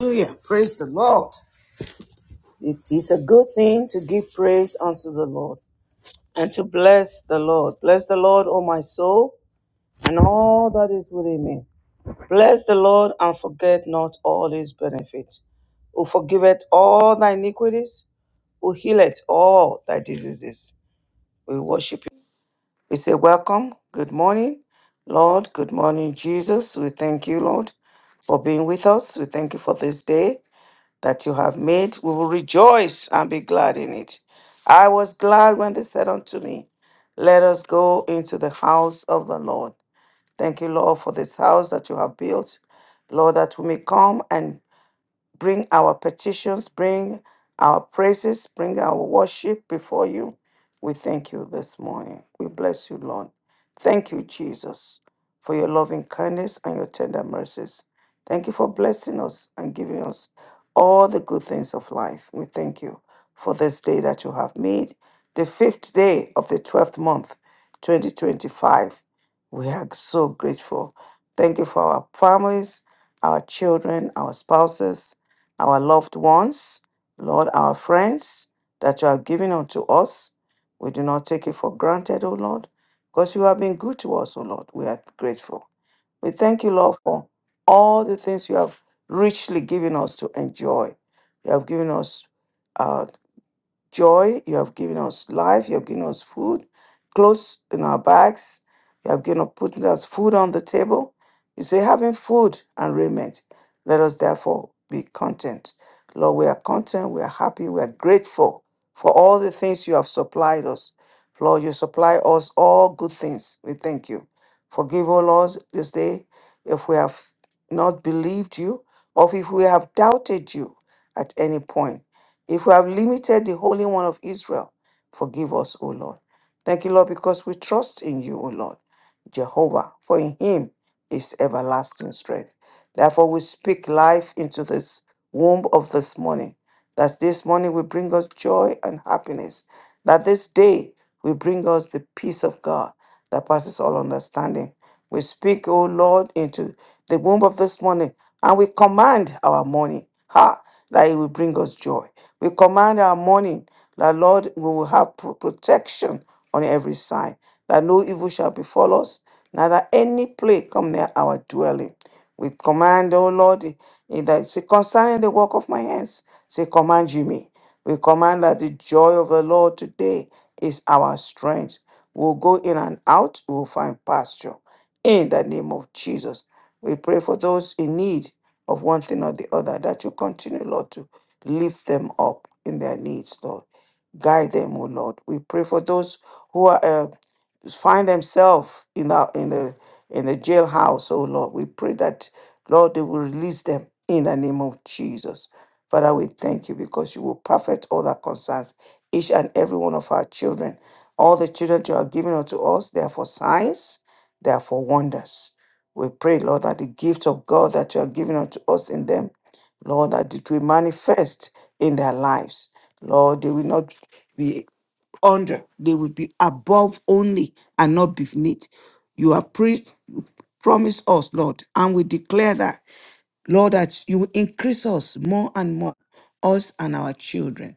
Hallelujah. Praise the Lord. It is a good thing to give praise unto the Lord and to bless the Lord. Bless the Lord, O my soul, and all that is within me. Bless the Lord and forget not all his benefits, who forgiveth all thy iniquities, who healeth all thy diseases. We worship you. We say, Welcome. Good morning, Lord. Good morning, Jesus. We thank you, Lord, for being with us. We thank you for this day. that you have made. We will rejoice and be glad in it. I was glad when they said unto me, Let us go into the house of the Lord. Thank you, Lord, for this house that you have built. Lord, that we may come and bring our petitions, bring our praises, bring our worship before you. We thank you this morning. We bless you, Lord. Thank you, Jesus, for your loving kindness and your tender mercies. Thank you for blessing us and giving us all the good things of life. We thank you for this day that you have made, the fifth day of the 12th month, 2025. We are so grateful. Thank you for our families, our children, our spouses, our loved ones, Lord, our friends that you have given unto us. We do not take it for granted, O Lord, because you have been good to us, O Lord. We are grateful. We thank you, Lord, for all the things you have richly given us to enjoy. You have given us uh joy. You have given us life. You have given us food, clothes in our bags. You have given us putting us food on the table. You say, having food and raiment, let us therefore be content. Lord, we are content. We are happy. We are grateful for all the things you have supplied us. Lord, you supply us all good things. We thank you. Forgive all us this day if we have not believed you or if we have doubted you at any point. If we have limited the Holy One of Israel, forgive us, O Lord. Thank you, Lord, because we trust in you, O Lord, Jehovah, for in him is everlasting strength. Therefore, we speak life into this womb of this morning, that this morning will bring us joy and happiness, that this day will bring us the peace of God that passes all understanding. We speak, O Lord, into the womb of this morning, and we command our morning, ha, that it will bring us joy. We command our morning, that Lord, we will have pro- protection on every side, that no evil shall befall us, neither any plague come near our dwelling. We command, oh Lord, in that say, concerning the work of my hands, say, command you me. We command that the joy of the Lord today is our strength. We'll go in and out, we'll find pasture. In the name of Jesus, we pray for those in need of one thing or the other that you continue, Lord, to lift them up in their needs, Lord. Guide them, O Lord. We pray for those who are uh, find themselves in the in the in the jailhouse, oh Lord. We pray that Lord they will release them in the name of Jesus. Father, we thank you because you will perfect all that concerns each and every one of our children. All the children you are giving unto us, they are for signs, they are for wonders. We pray, Lord, that the gift of God that you are giving unto us in them, Lord, that it will manifest in their lives. Lord, they will not be under. They will be above only and not beneath. You have preached, promised us, Lord, and we declare that, Lord, that you will increase us more and more, us and our children.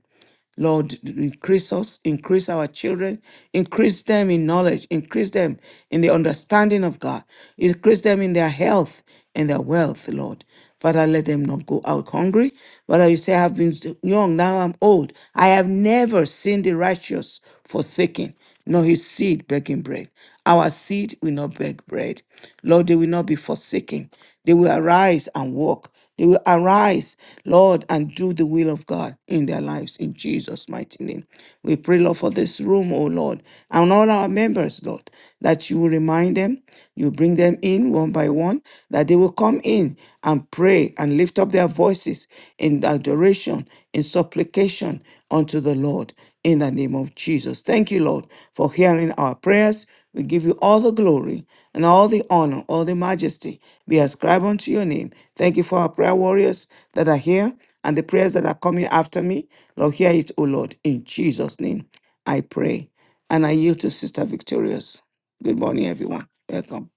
Lord, increase us, increase our children, increase them in knowledge, increase them in the understanding of God, increase them in their health and their wealth, Lord. Father, let them not go out hungry. Father, you say, I've been young, now I'm old. I have never seen the righteous forsaken, nor his seed begging bread. Our seed will not beg bread. Lord, they will not be forsaken. They will arise and walk. They will arise, Lord, and do the will of God in their lives in Jesus' mighty name. We pray, Lord, for this room, oh Lord, and all our members, Lord, that you will remind them, you bring them in one by one, that they will come in and pray and lift up their voices in adoration, in supplication unto the Lord in the name of Jesus. Thank you, Lord, for hearing our prayers. We give you all the glory and all the honor, all the majesty be ascribed unto your name. Thank you for our prayer warriors that are here and the prayers that are coming after me. Lord, hear it, O Lord. In Jesus' name, I pray. And I yield to Sister Victorious. Good morning, everyone. Welcome.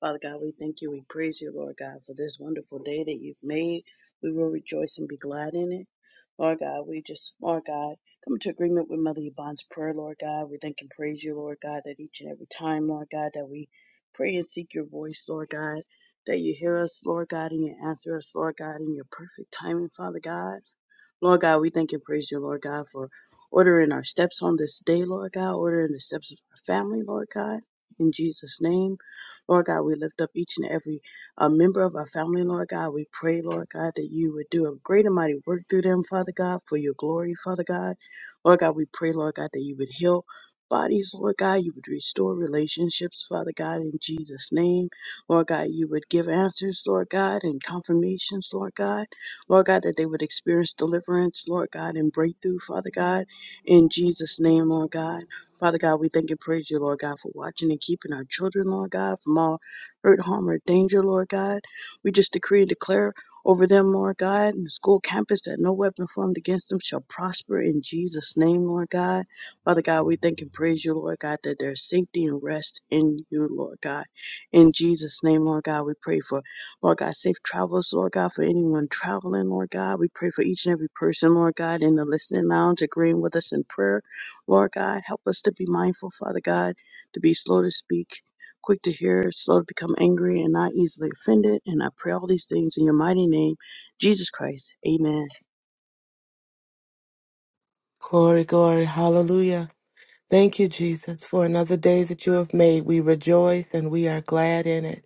Father God, we thank you. We praise you, Lord God, for this wonderful day that you've made. We will rejoice and be glad in it. Lord God, we just, Lord God, come into agreement with Mother Yvonne's prayer, Lord God. We thank and praise you, Lord God, that each and every time, Lord God, that we pray and seek your voice, Lord God, that you hear us, Lord God, and you answer us, Lord God, in your perfect timing, Father God. Lord God, we thank and praise you, Lord God, for ordering our steps on this day, Lord God, ordering the steps of our family, Lord God, in Jesus' name. Lord God, we lift up each and every uh, member of our family, Lord God. We pray, Lord God, that you would do a great and mighty work through them, Father God, for your glory, Father God. Lord God, we pray, Lord God, that you would heal bodies, Lord God. You would restore relationships, Father God, in Jesus' name. Lord God, you would give answers, Lord God, and confirmations, Lord God. Lord God, that they would experience deliverance, Lord God, and breakthrough, Father God, in Jesus' name, Lord God. Father God, we thank and praise you, Lord God, for watching and keeping our children, Lord God, from all hurt, harm, or danger, Lord God. We just decree and declare over them, Lord God, and the school campus that no weapon formed against them shall prosper in Jesus' name, Lord God. Father God, we thank and praise you, Lord God, that there's safety and rest in you, Lord God. In Jesus' name, Lord God, we pray for. Lord God, safe travels, Lord God, for anyone traveling, Lord God. We pray for each and every person, Lord God, in the listening lounge, agreeing with us in prayer. Lord God, help us to be mindful, Father God, to be slow to speak, quick to hear, slow to become angry, and not easily offended. And I pray all these things in your mighty name, Jesus Christ. Amen. Glory, glory, hallelujah. Thank you, Jesus, for another day that you have made. We rejoice and we are glad in it.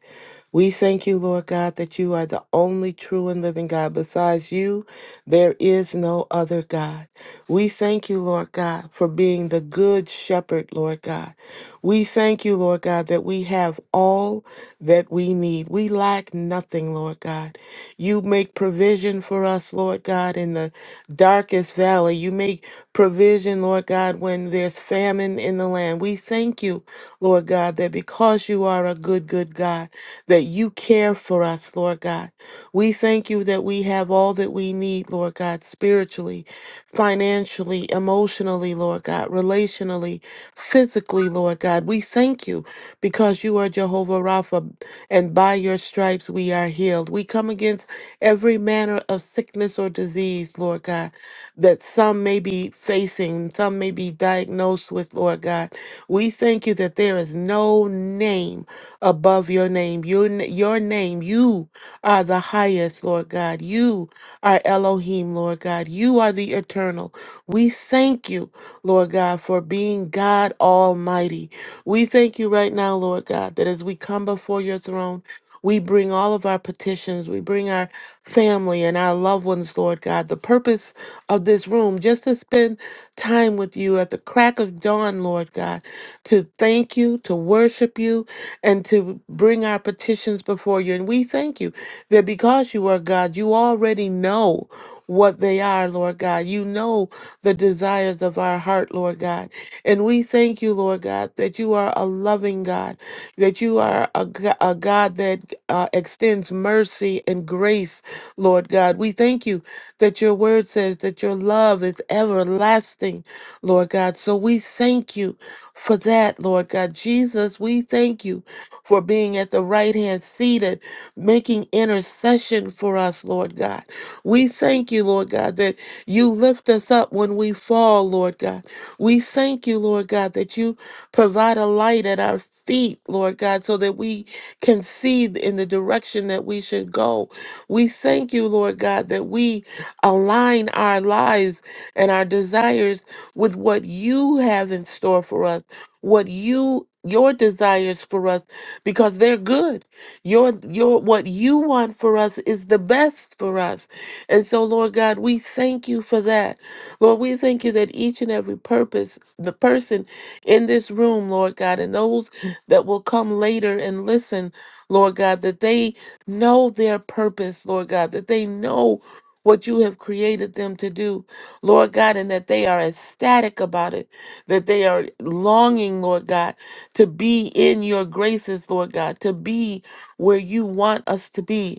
We thank you, Lord God, that you are the only true and living God. Besides you, there is no other God. We thank you, Lord God, for being the good shepherd, Lord God. We thank you, Lord God, that we have all that we need. We lack nothing, Lord God. You make provision for us, Lord God, in the darkest valley. You make provision, Lord God, when there's famine in the land. We thank you, Lord God, that because because you are a good, good God, that you care for us, Lord God. We thank you that we have all that we need, Lord God, spiritually, financially, emotionally, Lord God, relationally, physically, Lord God. We thank you because you are Jehovah Rapha, and by your stripes we are healed. We come against every manner of sickness or disease, Lord God that some may be facing, some may be diagnosed with, Lord God. We thank you that there is no name above your name. Your, n- your name, you are the highest, Lord God. You are Elohim, Lord God. You are the eternal. We thank you, Lord God, for being God Almighty. We thank you right now, Lord God, that as we come before your throne, we bring all of our petitions. We bring our family and our loved ones, Lord God. The purpose of this room, just to spend time with you at the crack of dawn, Lord God, to thank you, to worship you, and to bring our petitions before you. And we thank you that because you are God, you already know what they are, Lord God. You know the desires of our heart, Lord God. And we thank you, Lord God, that you are a loving God that you are a, G- a God that uh, extends mercy and grace, Lord God. We thank you that your word says that your love is everlasting, Lord God. So we thank you for that, Lord God. Jesus, we thank you for being at the right hand seated, making intercession for us, Lord God. We thank you, Lord God, that you lift us up when we fall, Lord God. We thank you, Lord God, that you provide a light at our feet, Lord God, so that we can see in the direction that we should go. We thank you, Lord God, that we align our lives and our desires with what you have in store for us, what you your desires for us because they're good. Your your what you want for us is the best for us. And so, Lord God, we thank you for that. Lord, we thank you that each and every purpose, the person in this room, Lord God, and those that will come later and listen, Lord God, that they know their purpose, Lord God, that they know what you have created them to do, Lord God, and that they are ecstatic about it, that they are longing, Lord God, to be in your graces, Lord God, to be where you want us to be.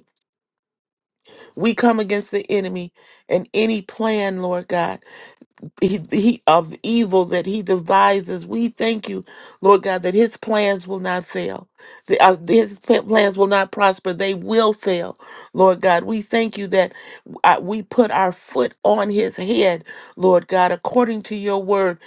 We come against the enemy and any plan, Lord God, he, he, of evil that he devises. We thank you, Lord God, that his plans will not fail. The- uh, His p- plans will not prosper. They will fail. Lord God, we thank you that uh, we put our foot on his head, Lord God, according to your word.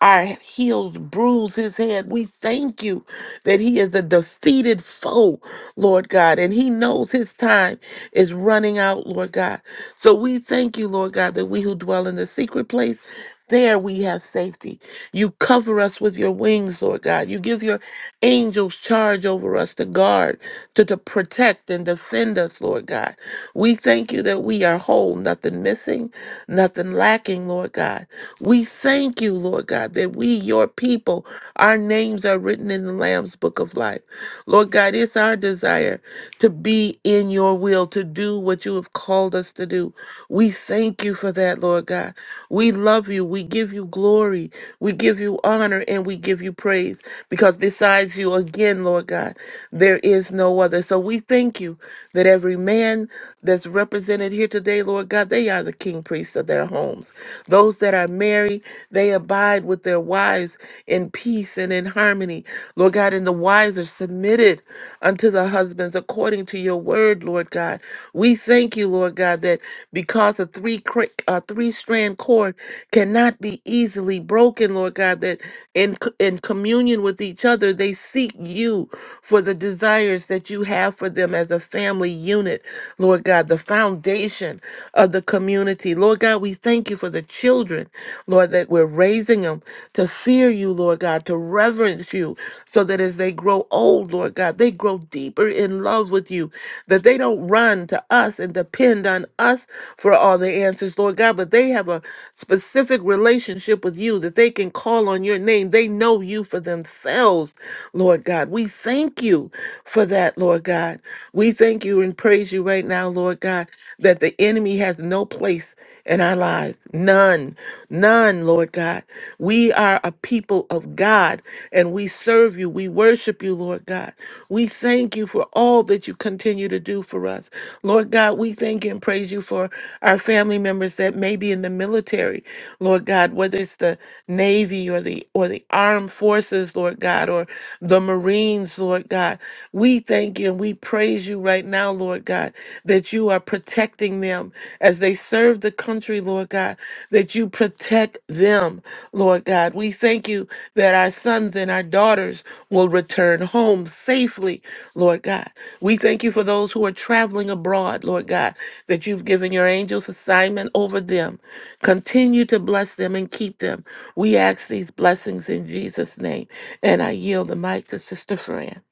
Our heels bruise his head. We thank you that he is a defeated foe, Lord God, and he knows his time is running out, Lord God. So we thank you, Lord God, that we who dwell in the secret place there we have safety. You cover us with your wings, Lord God. You give your angels charge over us to guard, to, to protect and defend us, Lord God. We thank you that we are whole, nothing missing, nothing lacking, Lord God. We thank you, Lord God, that we, your people, our names are written in the Lamb's book of life. Lord God, it's our desire to be in your will, to do what you have called us to do. We thank you for that, Lord God. We love love you. We give you glory. We give you honor and we give you praise because besides you, again, Lord God, there is no other. So we thank you that every man that's represented here today, Lord God, they are the king priests of their homes. Those that are married, they abide with their wives in peace and in harmony. Lord God, and the wives are submitted unto the husbands according to your word, Lord God. We thank you, Lord God, that because a three crick, uh, three strand cord Lord, cannot be easily broken, Lord God, that in, c- in communion with each other, they seek you for the desires that you have for them as a family unit, Lord God, the foundation of the community. Lord God, we thank you for the children, Lord, that we're raising them to fear you, Lord God, to reverence you, so that as they grow old, Lord God, they grow deeper in love with you, that they don't run to us and depend on us for all the answers, Lord God, but they have a specific relationship with you, that they can call on your name. They know you for themselves, Lord God. We thank you for that, Lord God. We thank you and praise you right now, Lord God, that the enemy has no place in our lives. None, none, Lord God. We are a people of God and we serve you. We worship you, Lord God. We thank you for all that you continue to do for us. Lord God, we thank you and praise you for our family members that may be in the middle military, Lord God, whether it's the Navy or the or the armed forces, Lord God, or the Marines, Lord God. We thank you and we praise you right now, Lord God, that you are protecting them as they serve the country, Lord God, that you protect them, Lord God. We thank you that our sons and our daughters will return home safely, Lord God. We thank you for those who are traveling abroad, Lord God, that you've given your angels assignment over them, Continue to bless them and keep them. We ask these blessings in Jesus' name. And I yield the mic to Sister Fran.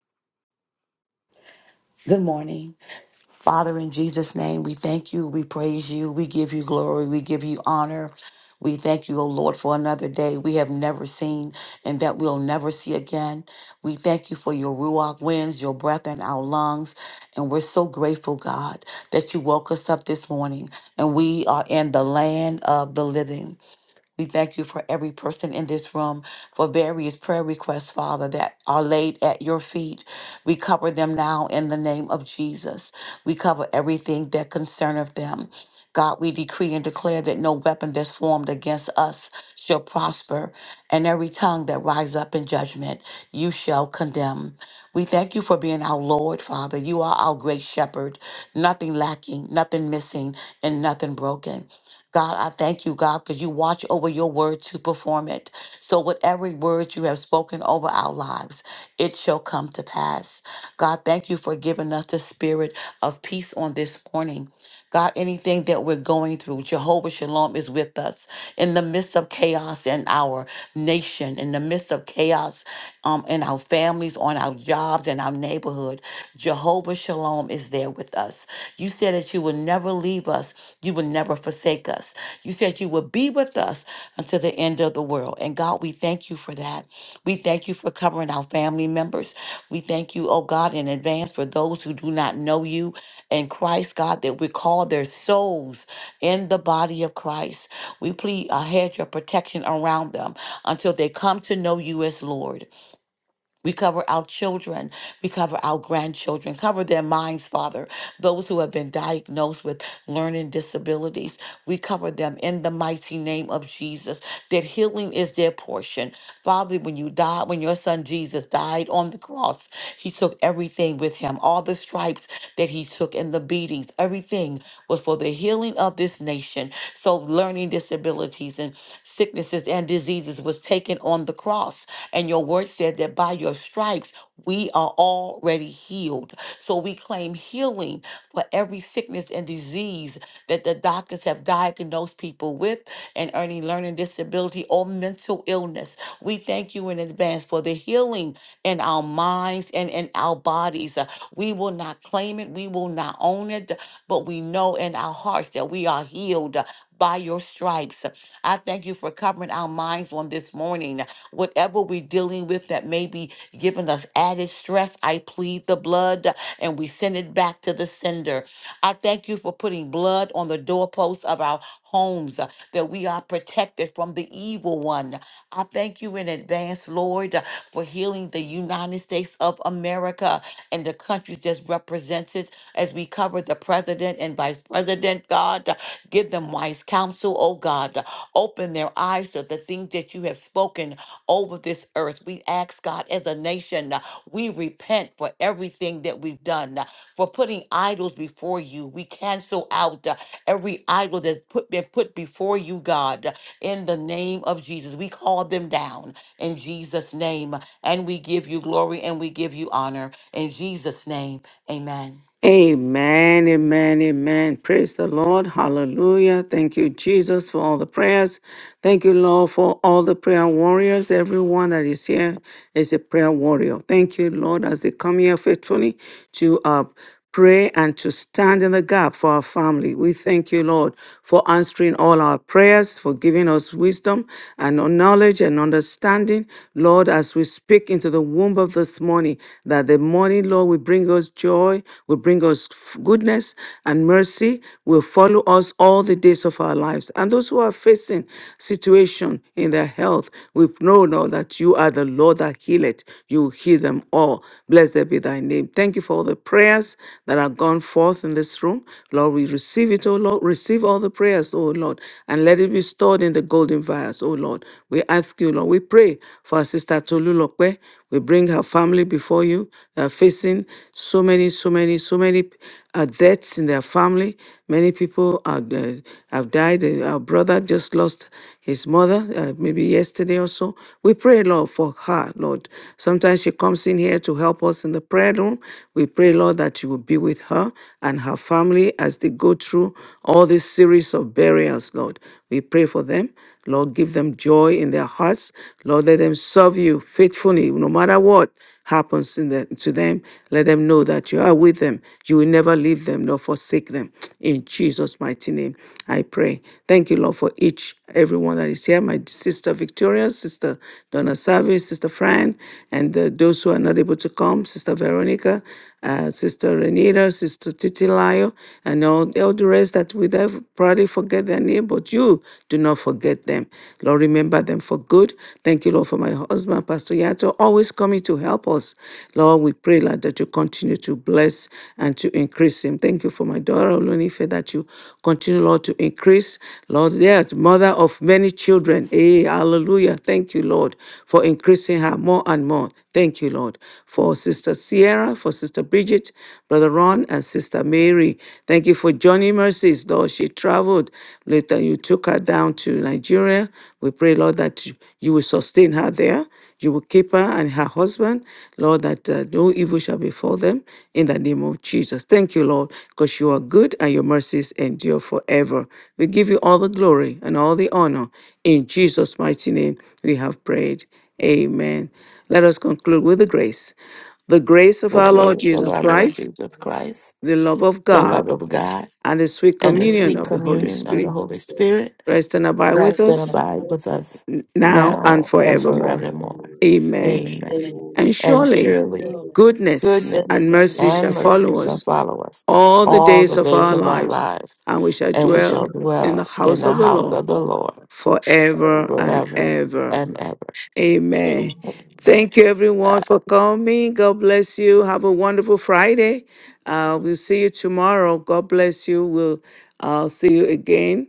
Good morning. Father, in Jesus' name, we thank you, we praise you, we give you glory, we give you honor. We thank you, O Lord, for another day we have never seen and that we'll never see again. We thank you for your Ruach winds, your breath in our lungs. And we're so grateful, God, that you woke us up this morning and we are in the land of the living. We thank you for every person in this room for various prayer requests, Father, that are laid at your feet. We cover them now in the name of Jesus. We cover everything that concerneth them. God, we decree and declare that no weapon that's formed against us shall prosper, and every tongue that rise up in judgment, you shall condemn. We thank you for being our Lord, Father. You are our great shepherd, nothing lacking, nothing missing, and nothing broken. God, I thank you, God, because you watch over your word to perform it. So, whatever every word you have spoken over our lives, it shall come to pass. God, thank you for giving us the spirit of peace on this morning. God, anything that we're going through, Jehovah Shalom is with us in the midst of chaos in our nation, in the midst of chaos um, in our families, on our jobs, in our neighborhood. Jehovah Shalom is there with us. You said that you would never leave us you will never forsake us. You said you will be with us until the end of the world. And God, we thank you for that. We thank you for covering our family members. We thank you, oh God, in advance for those who do not know you in Christ, God, that we call their souls in the body of Christ. We plead a hedge of protection around them until they come to know you as Lord. We cover our children. We cover our grandchildren. Cover their minds, Father. Those who have been diagnosed with learning disabilities, we cover them in the mighty name of Jesus. That healing is their portion. Father, when you died, when your son Jesus died on the cross, he took everything with him, all the stripes that he took and the beatings, everything was for the healing of this nation. So learning disabilities and sicknesses and diseases was taken on the cross. And your word said that by your stripes, we are already healed. So we claim healing for every sickness and disease that the doctors have diagnosed people with and any learning disability or mental illness. We thank you in advance for the healing in our minds and in our bodies. Uh, We will not claim it, we will not own it, but we know in our hearts that we are healed. uh, By your stripes. Uh, I thank you for covering our minds on this morning. Uh, Whatever we're dealing with that may be giving us added stress, I plead the blood uh, and we send it back to the sender. I thank you for putting blood on the doorposts of our homes, uh, that we are protected from the evil one. I thank you in advance, Lord, uh, for healing the United States of America and the countries that's represented as we cover the president and vice president, God. Uh, Give them wise counsel, oh God. Uh, Open their eyes to the things that you have spoken over this earth. We ask, God, as a nation, uh, we repent for everything that we've done for putting idols before you. We cancel out uh, every idol that's put, been put before you, God, in the name of Jesus. We call them down in Jesus' name, and we give you glory and we give you honor. In Jesus' name, amen. Amen, amen, amen. Praise the Lord. Hallelujah. Thank you, Jesus, for all the prayers. Thank you, Lord, for all the prayer warriors. Everyone that is here is a prayer warrior. Thank you, Lord, as they come here faithfully to uh, pray and to stand in the gap for our family. We thank you, Lord, for answering all our prayers, for giving us wisdom and knowledge and understanding, Lord, as we speak into the womb of this morning money, that the money, Lord, will bring us joy, will bring us goodness and mercy, will follow us all the days of our lives. And those who are facing situation in their health, we know now that you are the Lord that healeth. You heal them all. Blessed be thy name. Thank you for all the prayers that have gone forth in this room. Lord, we receive it, O Lord. Receive all the prayers, O Lord, and let it be stored in the golden vials, O Lord. We ask you, Lord. We pray for our sister Tolu we bring her family before you. They are facing so many, so many, so many uh, deaths in their family. Many people are, uh, have died. Uh, Our brother just lost his mother, uh, maybe yesterday or so. We pray, Lord, for her, Lord. Sometimes she comes in here to help us in the prayer room. We pray, Lord, that you will be with her and her family as they go through all this series of burials, Lord. We pray for them. Lord, give them joy in their hearts. Lord, let them serve you faithfully, no matter what happens in the, to them. Let them know that you are with them. You will never leave them nor forsake them. In Jesus' mighty name, I pray. Thank you, Lord, for each, everyone that is here. My sister Victoria, sister Donna Savi, sister Fran, and uh, those who are not able to come, sister Veronica, uh, sister Renita, sister Titilayo, and all, all the rest that with they probably forget their name, but you do not forget them. Lord, remember them for good. Thank you, Lord, for my husband, Pastor Yato, always coming to help us. Lord, we pray, Lord, that you continue to bless and to increase him. Thank you for my daughter, Olunife, that you continue, Lord, to increase. Lord, yes, mother of many children. Hey, hallelujah. Thank you, Lord, for increasing her more and more. Thank you, Lord, for Sister Sierra, for Sister Bridget, Brother Ron. Yvonne and Sister Mary. Thank you for Johnny mercies, Lord. She traveled later. You took her down to Nigeria. We pray, Lord, that you you will sustain her there. You will keep her and her husband, Lord, that uh, no evil shall befall them in the name of Jesus. Thank you, Lord, because you are good and your mercies endure forever. We give you all the glory and all the honor. In Jesus' mighty name, we have prayed. Amen. Let us conclude with the grace. The grace of the The our Lord grace grace of of our Jesus our Lord Jesus Lord Christ, Jesus Christ, Christ, the love of the the God, love love of of God, God, and the sweet and the and the communion sweet sweet of the Holy communion communion of of the the Spirit Holy Holy Spirit Spirit rest and abide with rest rest and and us abide with abide us with us now now and now and and forevermore. forevermore. forevermore. Amen. Amen. Amen. And And surely surely Surely goodness goodness goodness and mercy and shall and mercy mercy follow shall us upon follow us. us all the all days All the the of days our days of of I our life, lives, lives, and we shall and we and we dwell shall shall dwell in the dwell in the in house the of the house house of the Lord of the Lord Lord forever forever and and forever ever. ever. and ever. Amen. Amen. Amen. Thank you, God. everyone, for coming. God bless you. Have a wonderful Friday. Uh, we'll see you tomorrow. God bless you. We'll uh, see you again.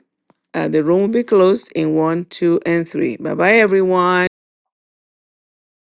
Uh, the room will be closed in one, two, and three. Bye bye, everyone.